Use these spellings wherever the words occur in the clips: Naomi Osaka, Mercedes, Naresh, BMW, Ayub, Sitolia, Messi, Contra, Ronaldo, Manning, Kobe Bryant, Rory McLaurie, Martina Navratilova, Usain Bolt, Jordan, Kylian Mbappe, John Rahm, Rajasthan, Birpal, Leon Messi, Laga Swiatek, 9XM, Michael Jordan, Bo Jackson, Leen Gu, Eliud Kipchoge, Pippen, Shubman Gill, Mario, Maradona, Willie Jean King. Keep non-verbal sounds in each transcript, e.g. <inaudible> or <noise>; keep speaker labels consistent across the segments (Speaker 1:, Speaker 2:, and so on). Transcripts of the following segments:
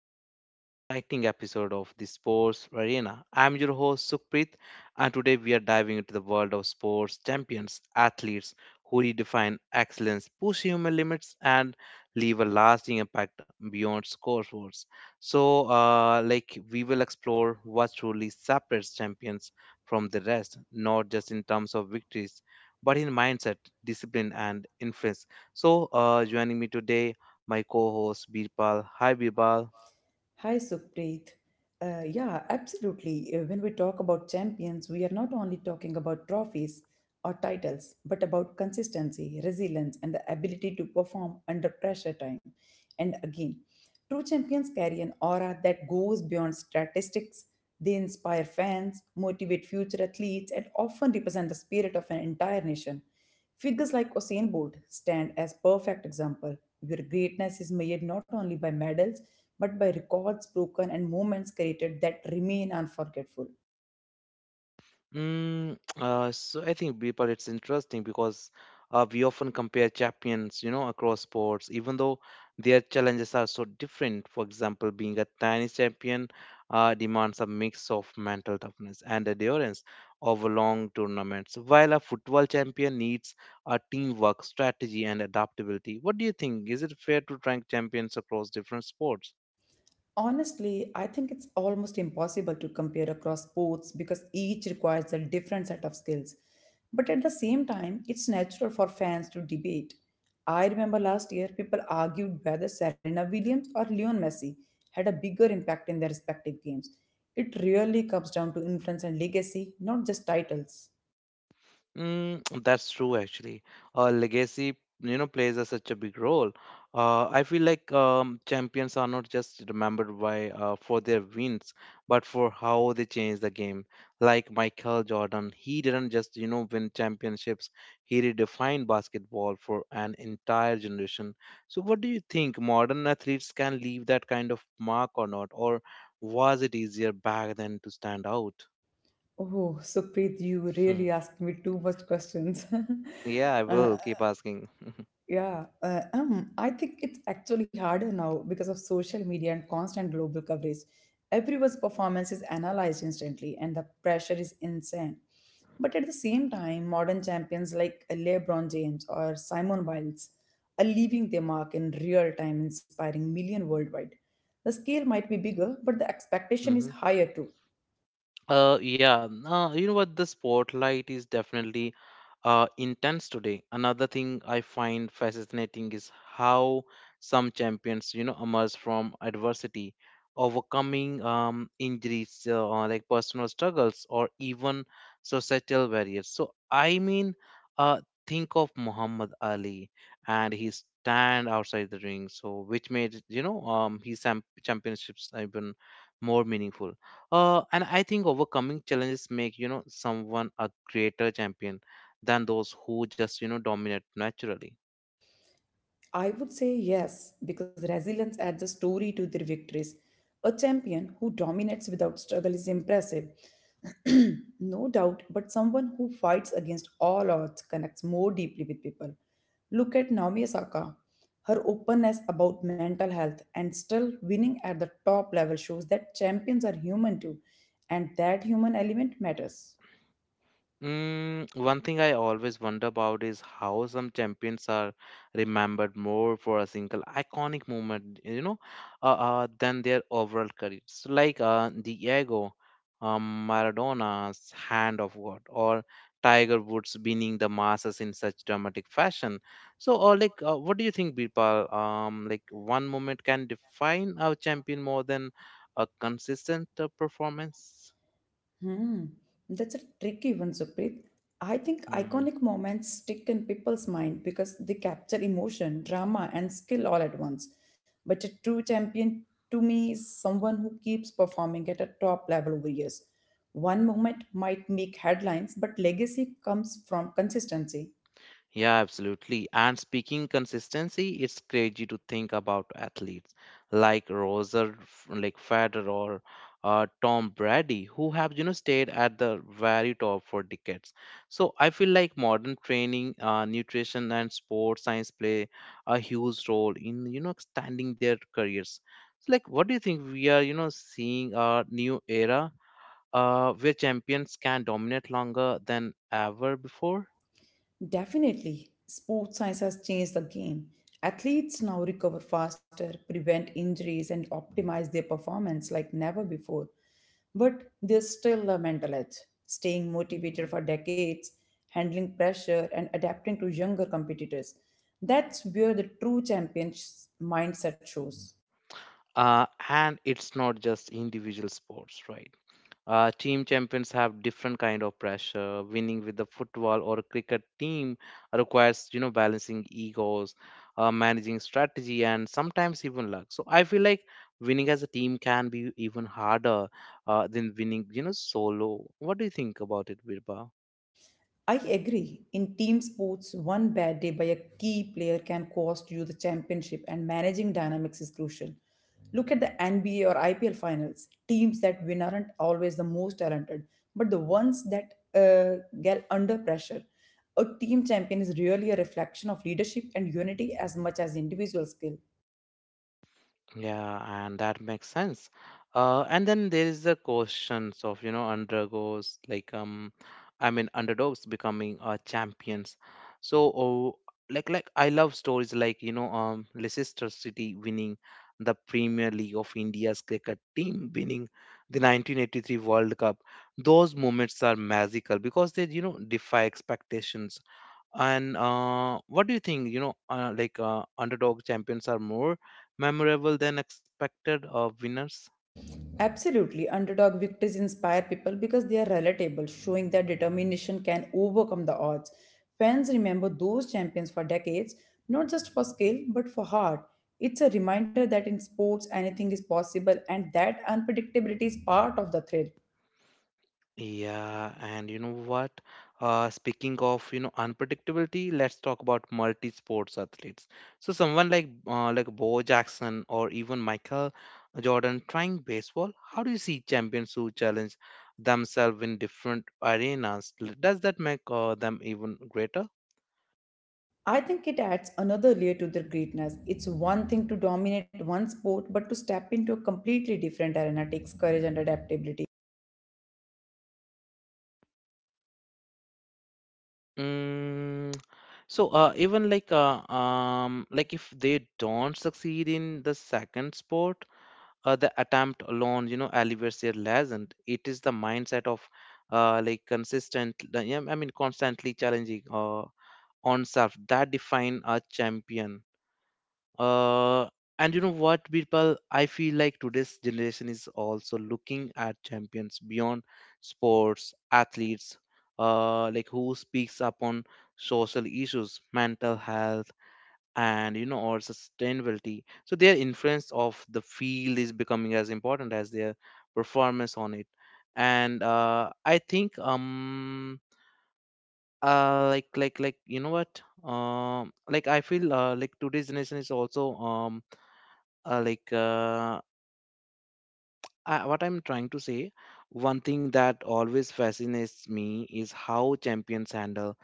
Speaker 1: to another exciting episode of the Sports Arena. I'm your host, Sukhpreet, and today we are diving into the world of sports champions, athletes who redefine excellence, push human limits, and leave a lasting impact beyond scoreboards. So, like, we will explore what truly separates champions from the rest, not just in terms of victories, but in mindset, discipline, and influence. So, joining me today my co-host Birpal. Hi, Birpal.
Speaker 2: Hi, Supreet. Yeah, absolutely. When we talk about champions, we are not only talking about trophies or titles, but about consistency, resilience, and the ability to perform under pressure time and again. True champions carry an aura that goes beyond statistics. They inspire fans, motivate future athletes, and often represent the spirit of an entire nation. Figures like Usain Bolt stand as perfect example, where greatness is measured not only by medals but by records broken and moments created that remain unforgettable.
Speaker 1: <tsk> So I think, Birpal, it's interesting because we often compare champions, you know, across sports, even though their challenges are so different. For example, being a tennis champion demands a mix of mental toughness and endurance over long tournaments, while a football champion needs a teamwork, strategy, and adaptability. What do you think? Is it fair to rank champions across different sports?
Speaker 2: Honestly, I think it's almost impossible to compare across sports because each requires a different set of skills. But at the same time, it's natural for fans to debate. I remember last year people argued whether Serena Williams or Leon Messi had a bigger impact in their respective games. It really comes down to influence and legacy, not just titles.
Speaker 1: Mm, that's true, actually. Legacy, you know, plays such a big role. I feel like, champions are not just remembered by for their wins, but for how they changed the game. Like Michael Jordan, he didn't just, you know, win championships. He redefined basketball for an entire generation. So, what do you think? Modern athletes can leave that kind of mark or not? Or was it easier back then to stand out?
Speaker 2: Oh, Supreet, you really
Speaker 1: <laughs>
Speaker 2: asked me too much questions.
Speaker 1: Yeah, I
Speaker 2: <laughs> uh,
Speaker 1: will keep asking.
Speaker 2: yeah, I think it's actually harder now because of social media and constant global coverage. Everyone's performance is analyzed instantly, and the pressure is insane. But at the same time, modern champions like LeBron James or Simon Biles are leaving their mark in real time, inspiring million worldwide. The scale might be bigger, but the expectation is
Speaker 1: <laughs>
Speaker 2: higher too.
Speaker 1: Yeah, no, you know what? The spotlight is definitely intense today. Another thing I find fascinating is how some champions, you know, emerge from adversity, overcoming injuries, or like personal struggles, or even societal barriers. So, I mean, uh, think of Muhammad Ali and his stand outside the ring, so which made, you know, his championships even more meaningful. And I think overcoming challenges make, you know, someone a greater champion than those who just, you know, dominate naturally.
Speaker 2: I would say yes, because resilience adds a story to their victories. A champion who dominates without struggle is impressive, <clears throat> no doubt, but someone who fights against all odds connects more deeply with people. Look at Naomi Osaka. Her openness about mental health and still winning at the top level shows that champions are human too, and that human element matters.
Speaker 1: One thing I always wonder about is how some champions are remembered more for a single iconic moment, you know, than their overall careers. So like Diego, Maradona's hand of God, or Tiger Woods winning the Masters in such dramatic fashion. So, or like, what do you think, Birpal? Like one moment can define a champion more than a consistent performance.
Speaker 2: Hmm, that's a tricky one, Supreet. I think
Speaker 1: Hmm.
Speaker 2: iconic moments stick in people's mind because they capture emotion, drama, and skill all at once. But a true champion to me is someone who keeps performing at a top level over years. One moment might make headlines, but legacy comes from consistency.
Speaker 1: Yeah, absolutely. And speaking consistency, it's crazy to think about athletes like like Federer or Tom Brady, who have, you know, stayed at the very top for decades. So I feel like modern training, nutrition, and sports science play a huge role in, you know, extending their careers. So, like, what do you think? We are, you know, seeing a new era where champions can dominate longer than ever before?
Speaker 2: Definitely, sports science has changed the game. Athletes now recover faster, prevent injuries, and optimize their performance like never before. But there's still a mental edge, staying motivated for decades, handling pressure, and adapting to younger competitors. That's where the true champion's mindset shows.
Speaker 1: And it's not just individual sports, right? Team champions have different kind of pressure. Winning with the football or cricket team requires, you know, balancing egos, managing strategy, and sometimes even luck. So I feel like winning as a team can be even harder than winning, you know, solo. What do you think about it, Virba?
Speaker 2: I agree. In team sports, one bad day by a key player can cost you the championship, and managing dynamics is crucial. Look at the NBA or IPL finals. Teams that win aren't always the most talented, but the ones that get under pressure. A team champion is really a reflection of leadership and unity as much as individual skill.
Speaker 1: Yeah, and that makes sense. And then there is the questions of, you know, undergoes like I mean, underdogs becoming champions. So, like I love stories, like, you know, Leicester City winning the Premier League of India's cricket team winning the 1983 World Cup. Those moments are magical because they, you know, defy expectations. And what do you think? You know, like underdog champions are more memorable than expected winners.
Speaker 2: Absolutely. Underdog victories inspire people because they are relatable, showing that determination can overcome the odds. Fans remember those champions for decades, not just for skill, but for heart. It's a reminder that in sports, anything is possible and that unpredictability is part of the thrill.
Speaker 1: Yeah, and you know what? Speaking of, you know, unpredictability, let's talk about multi-sports athletes. So someone like Bo Jackson or even Michael Jordan trying baseball. How do you see champions who challenge themselves in different arenas? Does that make them even greater?
Speaker 2: I think it adds another layer to their greatness. It's one thing to dominate one sport, but to step into a completely different arena takes courage and adaptability.
Speaker 1: Mm, so even like if they don't succeed in the second sport, the attempt alone, you know, elevates their legend. It is the mindset of like yeah, I mean, constantly challenging on self that define a champion. Uh, and you know what, people? I feel like today's generation is also looking at champions beyond sports, athletes, like who speaks up on social issues, mental health, and, you know, or sustainability. So their influence of the field is becoming as important as their performance on it. And I think, like, like you know what, like, I feel, like today's generation is also, like, what I'm trying to say, one thing that always fascinates me is how champions handle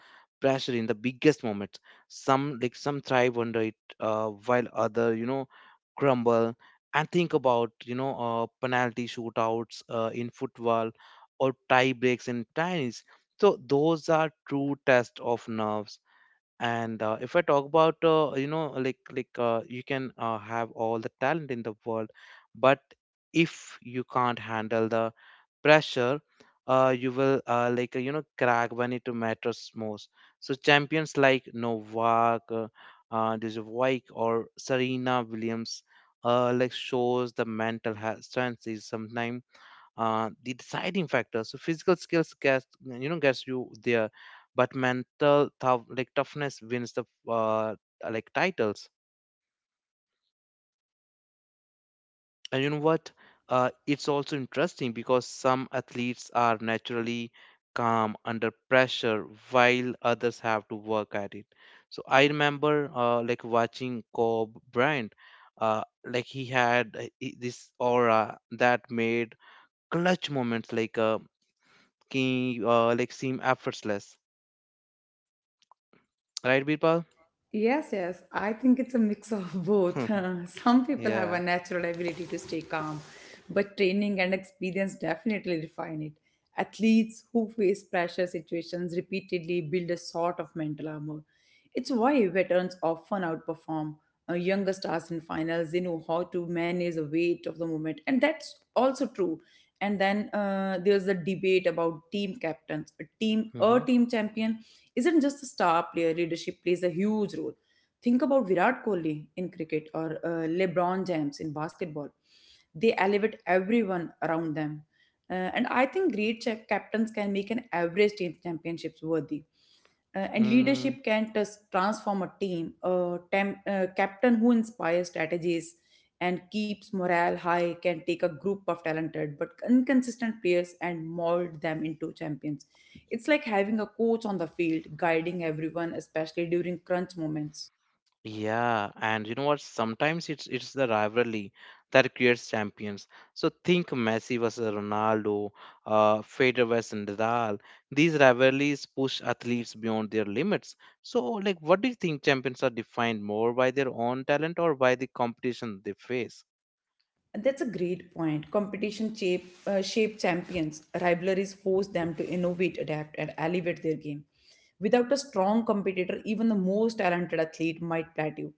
Speaker 1: pressure in the biggest moments. Some thrive under it, while other, you know, crumble. And think about, you know, penalty shootouts in football or tie breaks in tennis. So those are true tests of nerves. And if I talk about, you know, you can, have all the talent in the world, but if you can't handle the pressure, you will, like, you know, crack when it matters most. So champions like Novak, Djokovic, or Serena Williams, like, shows the mental health strength is sometimes the deciding factor. So physical skills gets, you know, gets you there, but like, toughness wins the uh, like, titles. And you know what? It's also interesting because some athletes are naturally calm under pressure, while others have to work at it. So I remember like watching Kobe Bryant. Like this aura that made clutch moments like, ki like, seem effortless, right, Birpal?
Speaker 2: Yes, yes. I think it's a mix of both. <laughs>
Speaker 1: <laughs>
Speaker 2: Some people have
Speaker 1: Yeah.
Speaker 2: a natural ability to stay calm, but training and experience definitely refine it. Athletes who face pressure situations repeatedly build a sort of mental armor. It's why veterans often outperform younger stars in finals. They know how to manage the weight of the moment, and that's also true. And then there's a debate about team captains. A
Speaker 1: Mm-hmm.
Speaker 2: team champion isn't just a star player. Leadership plays a huge role. Think about Virat Kohli in cricket or LeBron James in basketball. They elevate everyone around them. And I think great captains can make an average team championships worthy, and
Speaker 1: Mm,
Speaker 2: leadership can transform a team. A captain who inspires strategies and keeps morale high can take a group of talented but inconsistent players and mold them into champions. It's like having a coach on the field guiding everyone, especially during crunch moments.
Speaker 1: yeah, and you know what? Sometimes It's the rivalry that creates champions. So think Messi versus Ronaldo, Federer versus Nadal. These rivalries push athletes beyond their limits. So, like, what do you think? Champions are defined more by their own talent or by the competition they face?
Speaker 2: And that's a great point. Shape champions. Rivalries force them to innovate, adapt, and elevate their game. Without a strong competitor, even the most talented athlete might plateau.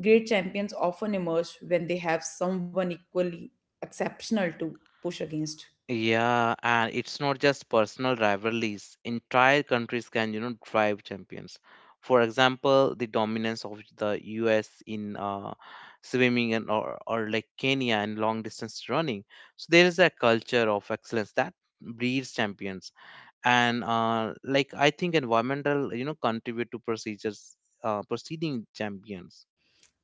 Speaker 2: Great champions often emerge when they have someone equally exceptional to push against.
Speaker 1: Yeah, and it's not just personal rivalries. Entire countries can, you know, drive champions. For example, the dominance of the US in swimming, and or like Kenya in long distance running. So there is a culture of excellence that breeds champions. And like, I think environmental, you know, contribute to proceeding champions.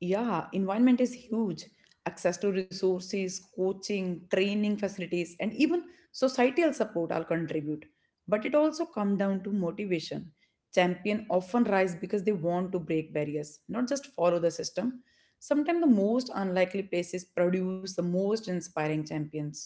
Speaker 2: Yeah, environment is huge. Access to resources, coaching, training facilities, and even societal support all contribute. But it also comes down to motivation. Champion often rise because they want to break barriers, not just follow the system. Sometimes the most unlikely places produce the most inspiring champions.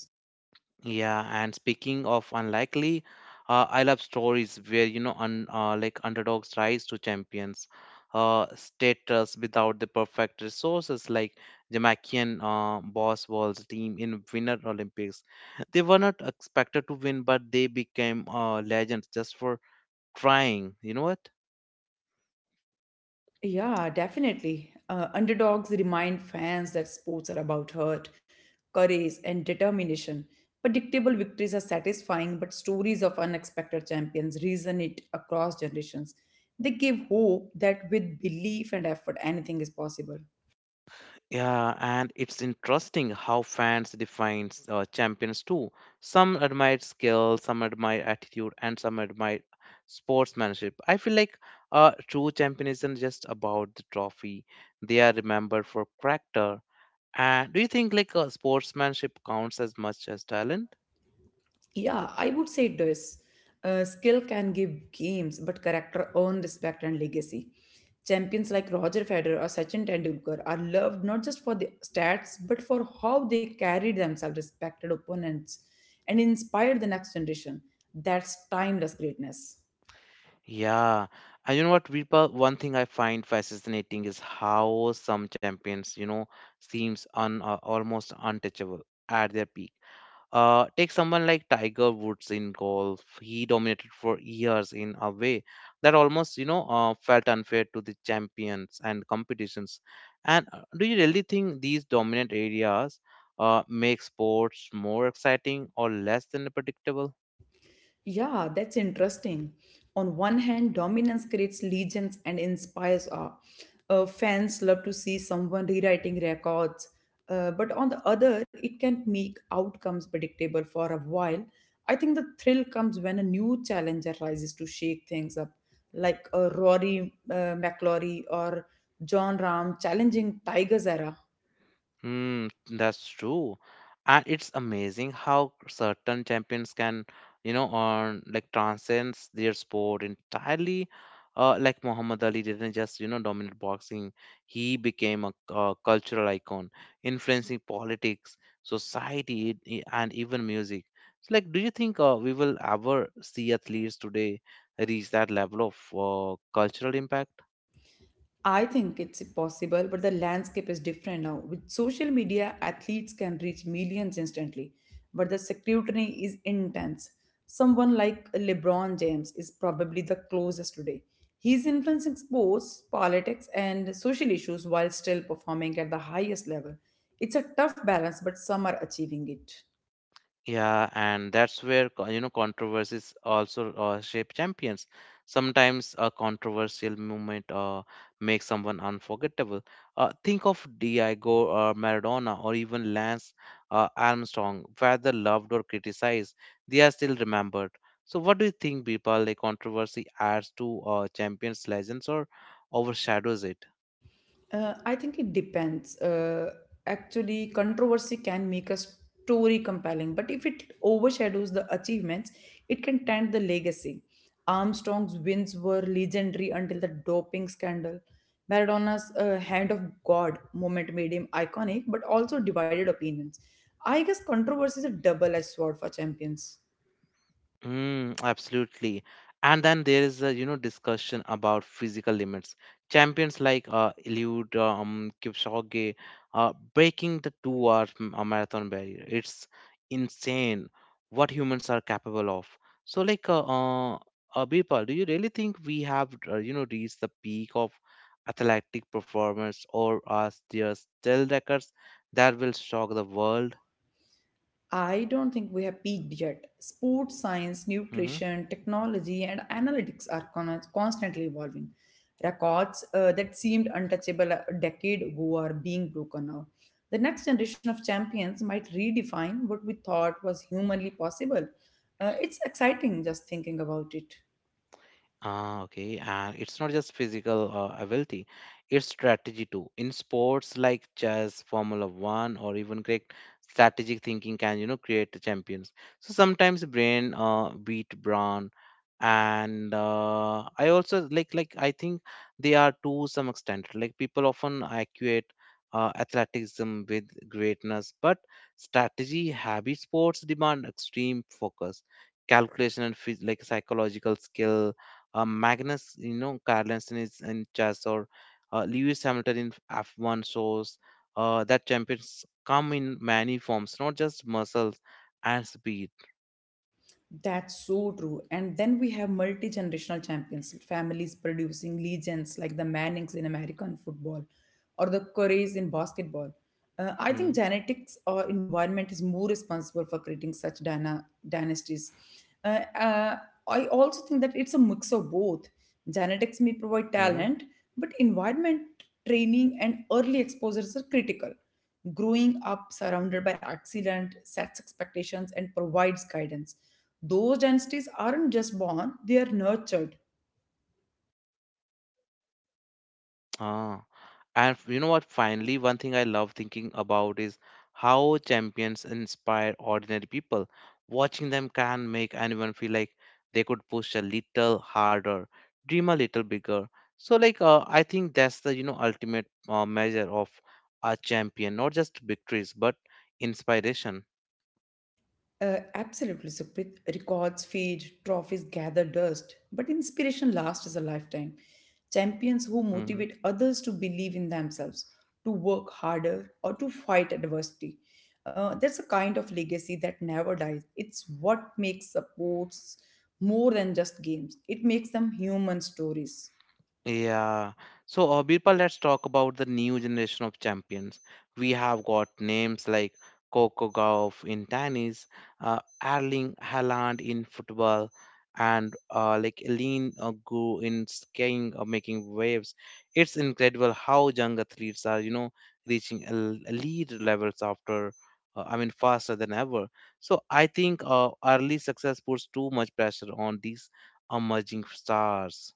Speaker 1: Yeah, and speaking of unlikely, I love stories where, you know, like, underdogs rise to champions, status without the perfect resources, like Jamaican boss walls team in Winter Olympics. They were not expected to win, but they became legends just for trying. You know what?
Speaker 2: Yeah, definitely. Underdogs remind fans that sports are about hurt, courage, and determination. Predictable victories are satisfying, but stories of unexpected champions resonate across generations. They give hope that with belief and effort, anything is possible.
Speaker 1: Yeah, and it's interesting how fans defines champions too. Some admire skill, some admire attitude, and some admire sportsmanship. I feel like true champion isn't just about the trophy; they are remembered for character. And do you think, like, sportsmanship counts as much as talent?
Speaker 2: Yeah, I would say it does. Skill can give games, but character earn respect and legacy. Champions like Roger Federer or Sachin Tendulkar are loved not just for the stats, but for how they carried themselves, respected opponents, and inspired the next generation. That's timeless greatness.
Speaker 1: Yeah, and you know what, Virpa, one thing I find fascinating is how some champions, you know, seems un almost untouchable at their peak. Take someone like Tiger Woods in golf. He dominated for years in a way that almost, you know, felt unfair to the champions and competitions. And do you really think these dominant areas make sports more exciting or less than predictable?
Speaker 2: Yeah, that's interesting. On one hand, dominance creates legions and inspires awe. Fans love to see someone rewriting records. But on the other, it can make outcomes predictable for a while. I think the thrill comes when a new challenger rises to shake things up, like Rory McLaurie or John Rahm challenging Tiger's era.
Speaker 1: Hmm, that's true. And it's amazing how certain champions can, you know, on like, transcends their sport entirely. Like, Muhammad Ali didn't just, you know, dominate boxing. He became a, cultural icon, influencing politics, society, and even music. So, like, do you think we will ever see athletes today reach that level of cultural impact?
Speaker 2: I think it's possible, but the landscape is different now. With social media, athletes can reach millions instantly, but the scrutiny is intense. Someone like LeBron James is probably the closest today. He's influencing sports, politics, and social issues while still performing at the highest level. It's a tough balance, but some are achieving it.
Speaker 1: Yeah, and that's where you know, controversies also shape champions. Sometimes a controversial movement makes someone unforgettable. Think of Diego Maradona, or even Lance Armstrong, whether loved or criticized, they are still remembered. So, what do you think, Bipal? The controversy adds to champions' legends, or overshadows it?
Speaker 2: I think it depends. Actually, controversy can make a story compelling, but if it overshadows the achievements, it can taint the legacy. Armstrong's wins were legendary until the doping scandal. Maradona's hand of God moment made him iconic, but also divided opinions. I guess controversy is a double edged sword for champions.
Speaker 1: Mm, absolutely. And then there is a, you know, discussion about physical limits. Champions like Eliud, Kipchoge breaking the two-hour marathon barrier. It's insane what humans are capable of. So like, Birpal, do you really think we have, you know, reached the peak of athletic performance, or are there still records that will shock the world?
Speaker 2: I don't think we have peaked yet. Sports science,
Speaker 1: Mm-hmm.
Speaker 2: nutrition, technology, and analytics are constantly evolving. Records that seemed untouchable a decade ago are being broken now. The next generation of champions might redefine what we thought was humanly possible. It's exciting just thinking about it.
Speaker 1: Ah, okay. And it's not just physical ability, it's strategy too. In sports like chess, Formula One, or even cricket, strategic thinking can, you know, create the champions. So sometimes brain beat brawn, and I also, I think they are to some extent. Like people often equate athleticism with greatness, but strategy heavy sports demand extreme focus, calculation, and psychological skill Magnus, you know, Carlsen is in chess, or Lewis Hamilton in F1 shows that champions come in many forms, not just muscles and speed.
Speaker 2: That's so true. And then we have multi generational champions, families producing legends like the Mannings in American football or the Currys in basketball. I
Speaker 1: Hmm,
Speaker 2: think genetics or environment is more responsible for creating such dynasties. Uh, uh, I also think that it's a mix of both. Genetics may provide
Speaker 1: hmm.
Speaker 2: talent, but environment, training, and early exposures are critical. Growing up surrounded by accident sets expectations and provides guidance. Those dynasties aren't just born, they are nurtured.
Speaker 1: Ah, you know what? Finally, one thing I love thinking about is how champions inspire ordinary people. Watching them can make anyone feel like they could push a little harder, dream a little bigger. So, I think that's the you know ultimate measure of a champion, not just victories but inspiration.
Speaker 2: Absolutely, Sukhpreet. Records fade, trophies gather dust, but inspiration lasts a lifetime. Champions who
Speaker 1: Mm-hmm.
Speaker 2: motivate others to believe in themselves, to work harder, or to fight adversity. That's a kind of legacy that never dies. It's what makes sports more than just games, it makes them human stories.
Speaker 1: Yeah. So, Birpal, let's talk about the new generation of champions. We have got names like Coco Gauff in tennis, Erling Haaland in football, and Leen Gu in skiing or making waves. It's incredible how young athletes are, you know, reaching elite levels after, I mean, faster than ever. So, I think early success puts too much pressure on these emerging stars.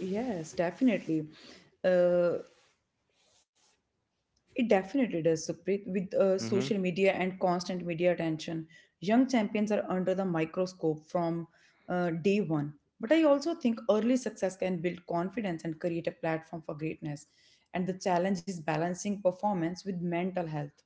Speaker 2: Yes, definitely. Uh, It definitely does, Supreet. With
Speaker 1: Mm-hmm.
Speaker 2: social media and constant media attention, young champions are under the microscope from day one. But I also think early success can build confidence and create a platform for greatness. And the challenge is balancing performance with mental health.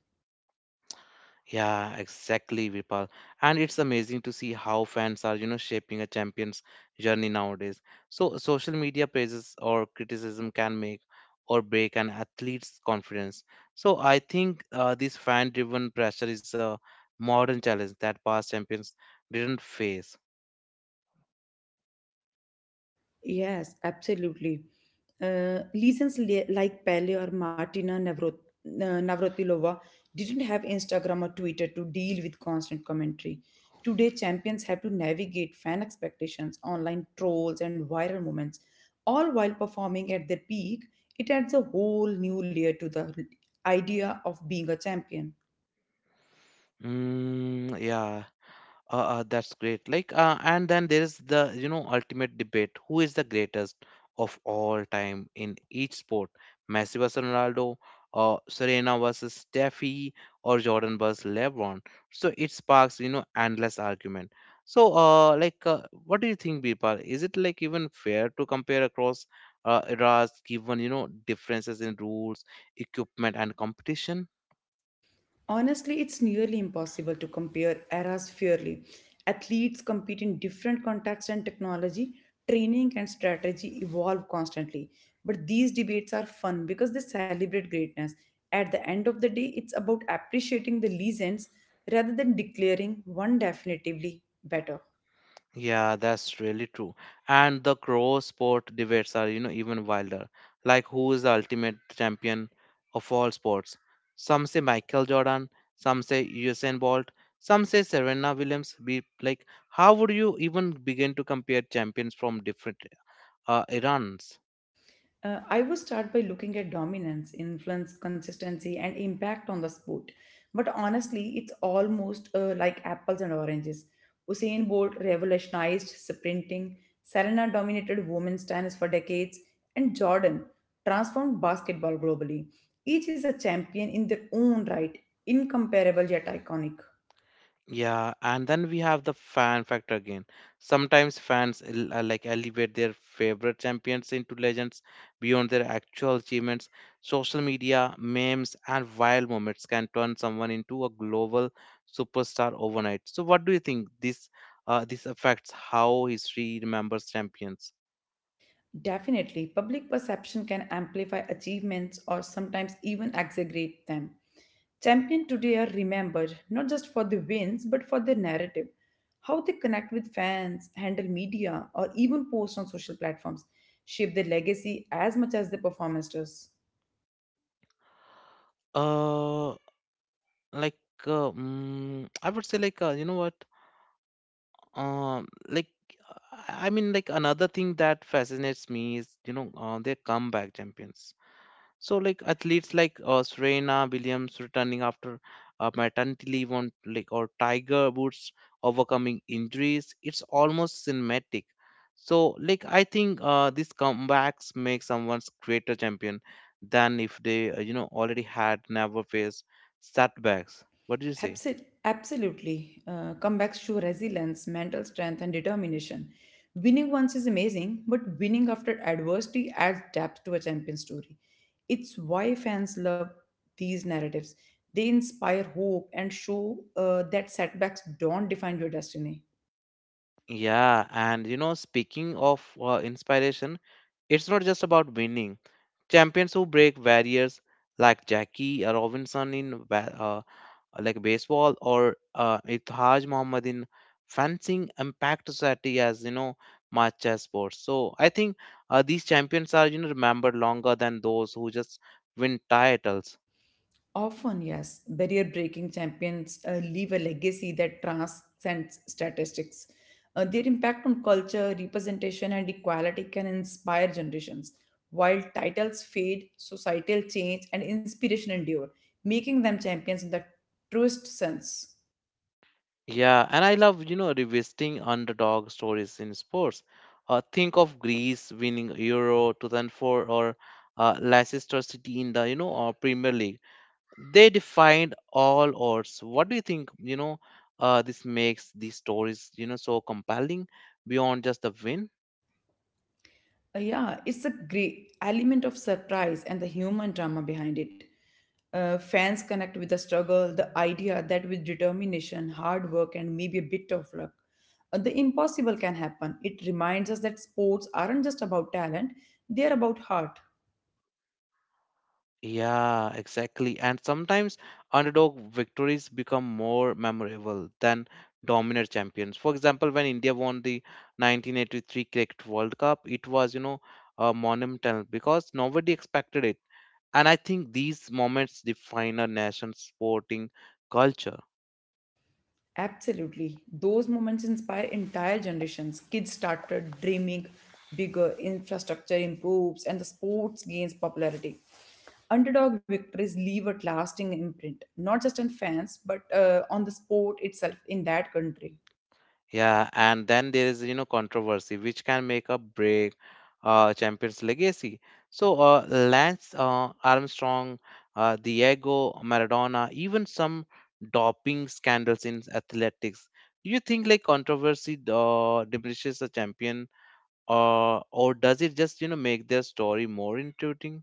Speaker 1: Yeah, exactly, Vipal. And it's amazing to see how fans are, you know, shaping a champion's journey nowadays. So social media praises or criticism can make or break an athlete's confidence. So I think this fan-driven pressure is a modern challenge that past champions didn't face.
Speaker 2: Yes, absolutely. Lesions like Pele or Navratilova didn't have Instagram or Twitter to deal with constant commentary. Today, champions have to navigate fan expectations, online trolls, and viral moments, all while performing at their peak. It adds a whole new layer to the idea of being a champion.
Speaker 1: Mm, yeah. That's great. And then there is the, you know, ultimate debate. Who is the greatest of all time in each sport? Messi versus Ronaldo, or Serena versus Steffi, or Jordan versus LeBron. So it sparks, you know, endless argument. So, what do you think, Birpal? Is it like even fair to compare across eras, given, you know, differences in rules, equipment, and competition?
Speaker 2: Honestly, it's nearly impossible to compare eras fairly. Athletes compete in different contexts and technology, training and strategy evolve constantly. But these debates are fun because they celebrate greatness. At the end of the day, it's about appreciating the legends rather than declaring one definitively better.
Speaker 1: Yeah, that's really true. And the cross sport debates are, you know, even wilder. Like who is the ultimate champion of all sports? Some say Michael Jordan, some say Usain Bolt, some say Serena Williams. Be like, how would you even begin to compare champions from different eras?
Speaker 2: I would start by looking at dominance, influence, consistency, and impact on the sport. But honestly, it's almost like apples and oranges. Usain Bolt revolutionized sprinting, Serena dominated women's tennis for decades, and Jordan transformed basketball globally. Each is a champion in their own right, incomparable yet iconic.
Speaker 1: Yeah, and then we have the fan factor again. Sometimes fans elevate their favorite champions into legends beyond their actual achievements. Social media, memes, and viral moments can turn someone into a global superstar overnight. So, what do you think this affects how history remembers champions?
Speaker 2: Definitely, public perception can amplify achievements or sometimes even exaggerate them. Champions today are remembered not just for the wins but for their narrative, how they connect with fans, handle media, or even post on social platforms shape their legacy as much as their performance does.
Speaker 1: Uh, like I would say, you know what? Um, like I mean, like another thing that fascinates me is you know their comeback champions. So like athletes like Serena Williams returning after maternity leave on like or Tiger Woods overcoming injuries. It's almost cinematic. So like I think these comebacks make someone's greater champion than if they you know already had never faced setbacks. What do you say?
Speaker 2: Absolutely. Comebacks show resilience, mental strength, and determination. Winning once is amazing, but winning after adversity adds depth to a champion story. It's why fans love these narratives. They inspire hope and show that setbacks don't define your destiny.
Speaker 1: Yeah, and you know, speaking of inspiration, it's not just about winning. Champions who break barriers like Jackie Robinson in baseball or Ithaj Muhammad in fencing impact society as you know much as sports. So I think these champions are you know remembered longer than those who just win titles.
Speaker 2: Often, yes, barrier breaking champions leave a legacy that transcends statistics. Their impact on culture, representation, and equality can inspire generations. While titles fade, societal change and inspiration endure, making them champions in the truest sense.
Speaker 1: Yeah, and I love, you know, revisiting underdog stories in sports. Think of Greece winning Euro 2004 or Leicester City in the, you know, Premier League. They defined all odds. What do you think, you know, this makes these stories you know so compelling beyond just the win?
Speaker 2: Yeah, it's a great element of surprise and the human drama behind it. Fans connect with the struggle, the idea that with determination, hard work, and maybe a bit of luck, the impossible can happen. It reminds us that sports aren't just about talent, they are about heart.
Speaker 1: Yeah, exactly. And sometimes underdog victories become more memorable than dominant champions. For example, when India won the 1983 cricket world cup, it was, you know, monumental because nobody expected it. And I think these moments define a nation's sporting culture.
Speaker 2: Absolutely. Those moments inspire entire generations. Kids started dreaming bigger, infrastructure improves, and the sports gains popularity. Underdog victories leave a lasting imprint, not just on fans, but on the sport itself in that country.
Speaker 1: Yeah, and then there is, you know, controversy which can make or break champions legacy. So Lance Armstrong, Diego Maradona, even some doping scandals in athletics. Do you think like controversy diminishes a champion, or does it just, you know, make their story more intriguing?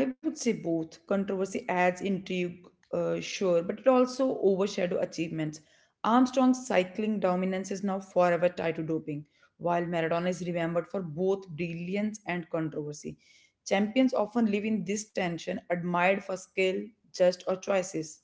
Speaker 2: I would say both. Controversy adds intrigue, sure, but it also overshadow achievements. Armstrong's cycling dominance is now forever tied to doping, while Maradona is remembered for both brilliance and controversy. Champions often live in this tension, admired for skill, just or choices.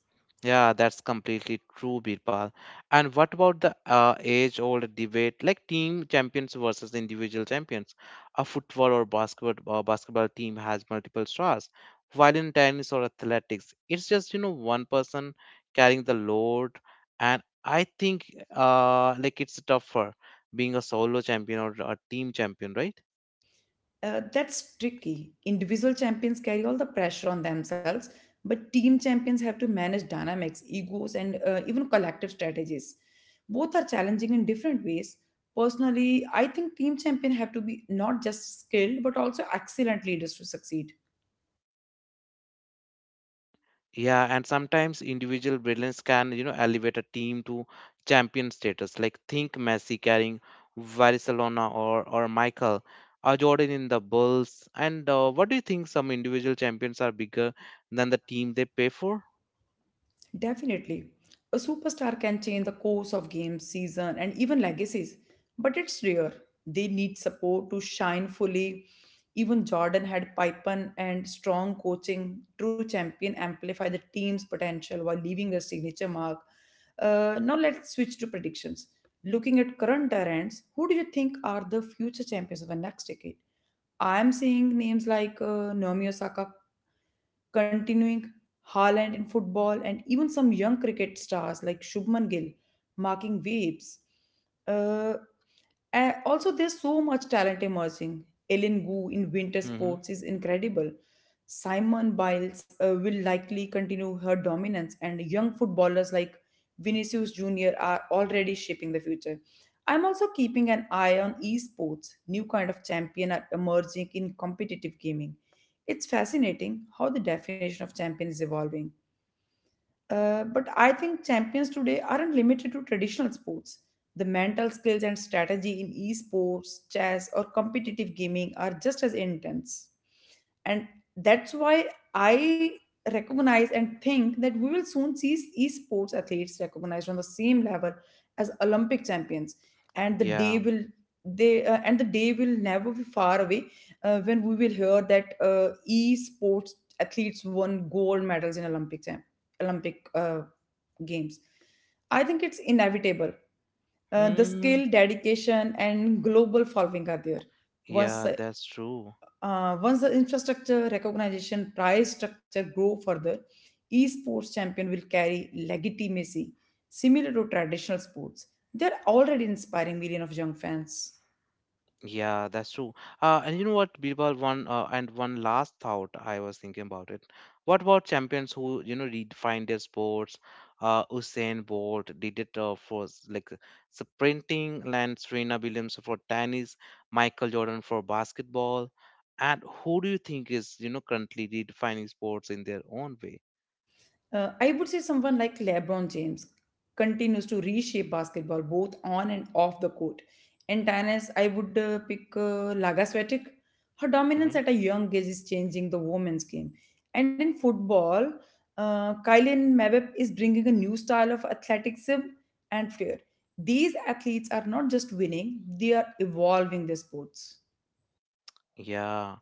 Speaker 1: Yeah, that's completely true, Birpal. And what about the age-old debate, like team champions versus individual champions? A football or basketball team has multiple stars, while in tennis or athletics, it's just you know one person carrying the load. And I think it's tougher being a solo champion or a team champion, right?
Speaker 2: That's tricky. Individual champions carry all the pressure on themselves, but team champions have to manage dynamics, egos, and even collective strategies. Both are challenging in different ways. Personally, I think team champion have to be not just skilled but also excellent leaders to succeed.
Speaker 1: Yeah, and sometimes individual brilliance can, you know, elevate a team to champion status. Like think Messi carrying Barcelona or Michael or Jordan in the Bulls. And what do you think? Some individual champions are bigger than the team they pay for.
Speaker 2: Definitely. A superstar can change the course of games, season, and even legacies, but it's rare. They need support to shine fully. Even Jordan had Pippen and strong coaching. True champion amplify the team's potential while leaving their signature mark. Now let's switch to predictions. Looking at current trends, who do you think are the future champions of the next decade? I am seeing names like Naomi Osaka continuing Haaland in football, and even some young cricket stars like Shubman Gill marking waves. Uh, and also, there's so much talent emerging. Ellen Gu in winter
Speaker 1: Hmm.
Speaker 2: sports is incredible. Simon Biles will likely continue her dominance, and young footballers like Vinicius Jr. are already shaping the future. I'm also keeping an eye on esports. New kind of champion are emerging in competitive gaming. It's fascinating how the definition of champion is evolving. But I think champions today aren't limited to traditional sports. The mental skills and strategy in esports, chess, or competitive gaming are just as intense, and that's why I recognize and think that we will soon see esports athletes recognized on the same level as olympic champions and the day
Speaker 1: Yeah.
Speaker 2: will they and the day will never be far away when we will hear that esports athletes won gold medals in olympic olympic uh, games. I think it's inevitable. The
Speaker 1: Mm,
Speaker 2: skill dedication and global following are there. once
Speaker 1: yeah,
Speaker 2: uh,
Speaker 1: that's true.
Speaker 2: uh, once the infrastructure, recognition, prize structure grow further, esports champion will carry legitimacy similar to traditional sports. They're already inspiring millions of young fans.
Speaker 1: Yeah, that's true. And you know what, Birbal, one last thought I was thinking about it. What about champions who, you know, redefined their sports? Usain Bolt did it for sprinting, and Serena Williams for tennis, Michael Jordan for basketball. And who do you think is, you know, currently redefining sports in their own way?
Speaker 2: I would say someone like LeBron James continues to reshape basketball both on and off the court. In tennis, I would pick Laga Swiatek. Her dominance
Speaker 1: Hmm.
Speaker 2: at a young age is changing the women's game. And in football, Kylian Mbappe is bringing a new style of athleticism and flair. These athletes are not just winning; they are evolving their sports.
Speaker 1: Yeah.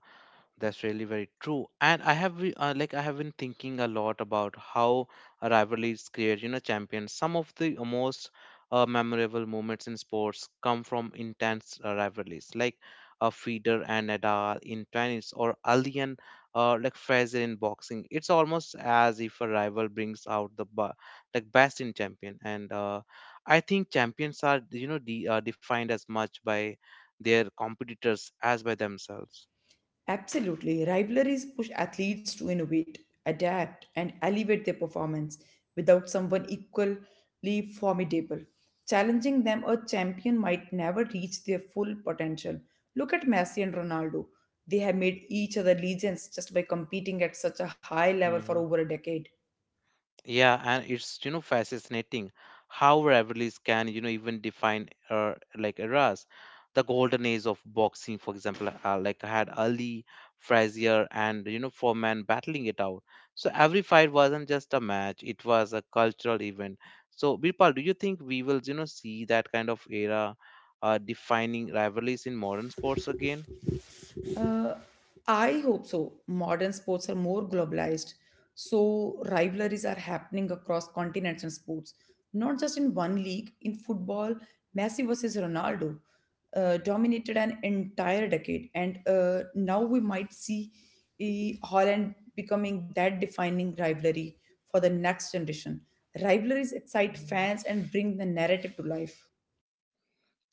Speaker 1: That's really very true. And I have I have been thinking a lot about how rivalries create, you know, champions. Some of the most memorable moments in sports come from intense rivalries, like Federer and Nadal in tennis, or Ali and Fraser in boxing. It's almost as if a rival brings out the best in champion. And I think champions are you know defined as much by their competitors as by themselves.
Speaker 2: Absolutely. Rivalries push athletes to innovate, adapt, and elevate their performance without someone equally formidable. Challenging them, a champion might never reach their full potential. Look at Messi and Ronaldo. They have made each other legends just by competing at such a high level for
Speaker 1: Hmm.
Speaker 2: over a decade.
Speaker 1: Yeah, and it's you know fascinating how rivalries can you know even define eras. The golden age of boxing, for example, had Ali, Frazier, and you know Foreman battling it out. So every fight wasn't just a match; it was a cultural event. So Birpal, do you think we will you know see that kind of era defining rivalries in modern sports again?
Speaker 2: Uh, I hope so. Modern sports are more globalized, so rivalries are happening across continents and sports, not just in one league. In football, Messi versus Ronaldo dominated an entire decade, and now we might see Holland becoming that defining rivalry for the next generation. Rivalries excite fans and bring the narrative to life.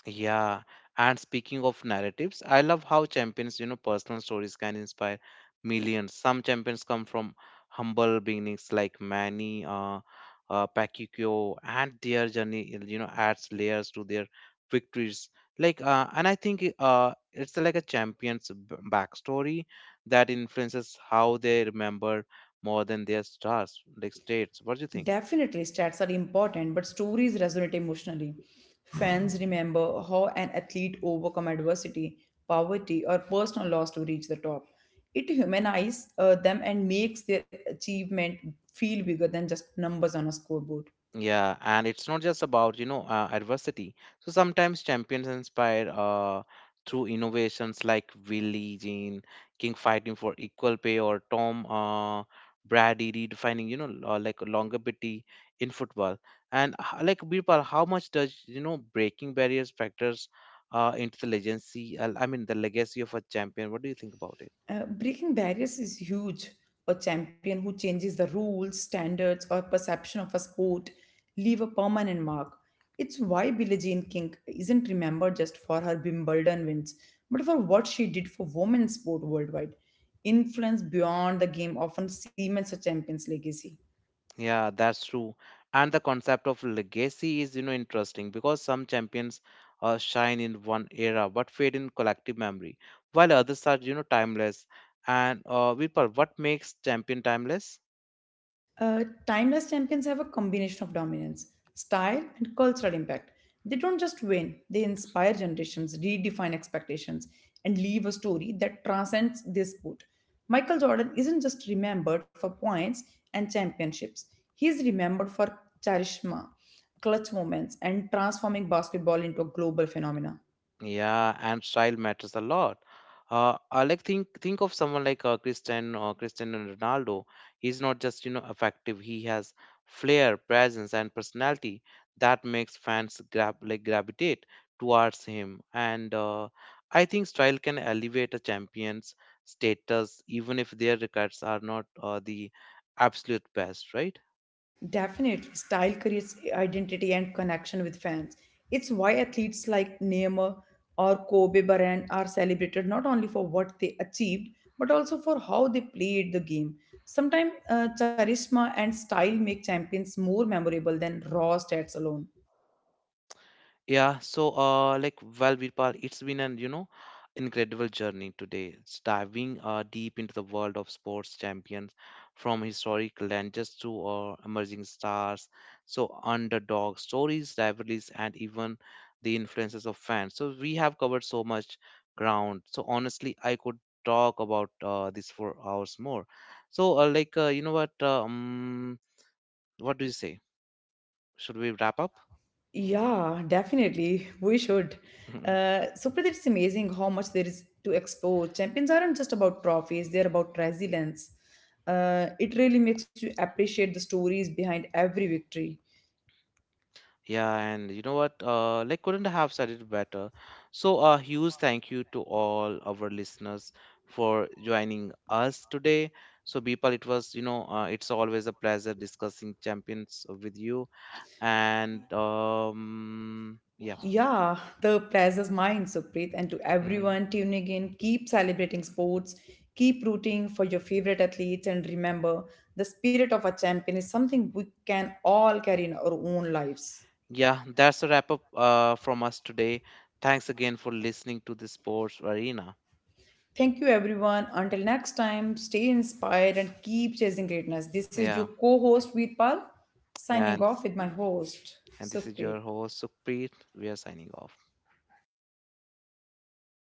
Speaker 1: Yeah, and speaking of narratives, I love how champions, you know, personal stories can inspire millions. Some champions come from humble beginnings like Manny Pacquiao, and their journey, you know, adds layers to their victories. And I think it's like a champion's backstory that influences how they remember more than their stars, like states. What do you think?
Speaker 2: Definitely, stats are important, but stories resonate emotionally. Fans remember how an athlete overcome adversity, poverty, or personal loss to reach the top. It humanizes them and makes their achievement feel bigger than just numbers on a scoreboard.
Speaker 1: Yeah, and it's not just about, you know, adversity. So sometimes champions inspire through innovations like Willie Jean, King fighting for equal pay, or Tom Brady redefining, you know, longevity in football. And Birpal, how much does, you know, breaking barriers factors into the legacy? I mean, the legacy of a champion. What do you think about it?
Speaker 2: Breaking barriers is huge. A champion who changes the rules, standards, or perception of a sport leave a permanent mark. It's why Billie Jean King isn't remembered just for her Wimbledon wins, but for what she did for women's sport worldwide. Influence beyond the game often cements a champion's legacy.
Speaker 1: Yeah, that's true. And the concept of legacy is, you know, interesting because some champions shine in one era but fade in collective memory, while others are, you know, timeless. And Virpal, what makes champion timeless?
Speaker 2: Timeless champions have a combination of dominance, style, and cultural impact. They don't just win, they inspire generations, redefine expectations, and leave a story that transcends this sport. Michael Jordan isn't just remembered for points and championships, he's remembered for charisma, clutch moments, and transforming basketball into a global phenomenon.
Speaker 1: Yeah, and style matters a lot. I think of someone like Christian or Cristiano Ronaldo. He's not just you know effective. He has flair, presence, and personality that makes fans grab like gravitate towards him. And I think style can elevate a champion's status even if their records are not the absolute best, right?
Speaker 2: Definitely, style creates identity and connection with fans. It's why athletes like Neymar or Kobe Bryant are celebrated not only for what they achieved but also for how they played the game. Sometimes charisma and style make champions more memorable than raw stats alone.
Speaker 1: Yeah, so well, Virpal, it's been an you know incredible journey today. It's diving deep into the world of sports champions, from historic legends to emerging stars, so underdog stories, rivalries, and even the influences of fans. So we have covered so much ground. So honestly, I could talk about this for hours more. So you know what? What do you say? Should we wrap up?
Speaker 2: Yeah, definitely. We should.
Speaker 1: <laughs>
Speaker 2: Supreet, it's amazing how much there is to explore. Champions aren't just about trophies, they're about resilience. It really makes you appreciate the stories behind every victory.
Speaker 1: Yeah, and you know what? Couldn't have said it better. So, a huge thank you to all our listeners for joining us today. So, Bipal, it was, it's always a pleasure discussing champions with you. And yeah,
Speaker 2: Yeah, the prizes mine, Supreet, and to
Speaker 1: mhm.
Speaker 2: everyone tuning in, keep celebrating sports, keep rooting for your favorite athletes, and remember the spirit of a champion is something we can all carry in our own lives.
Speaker 1: Yeah, that's a wrap up from us today. Thanks again for listening to the Sports Arena.
Speaker 2: Thank you, everyone. Until next time, stay inspired and keep chasing greatness. This is your
Speaker 1: Yeah,
Speaker 2: co host, Veerpal,
Speaker 1: yeah,
Speaker 2: signing
Speaker 1: and
Speaker 2: off with my host,
Speaker 1: and this is your
Speaker 2: Supreet.
Speaker 1: host Sukhpreet. We are signing off.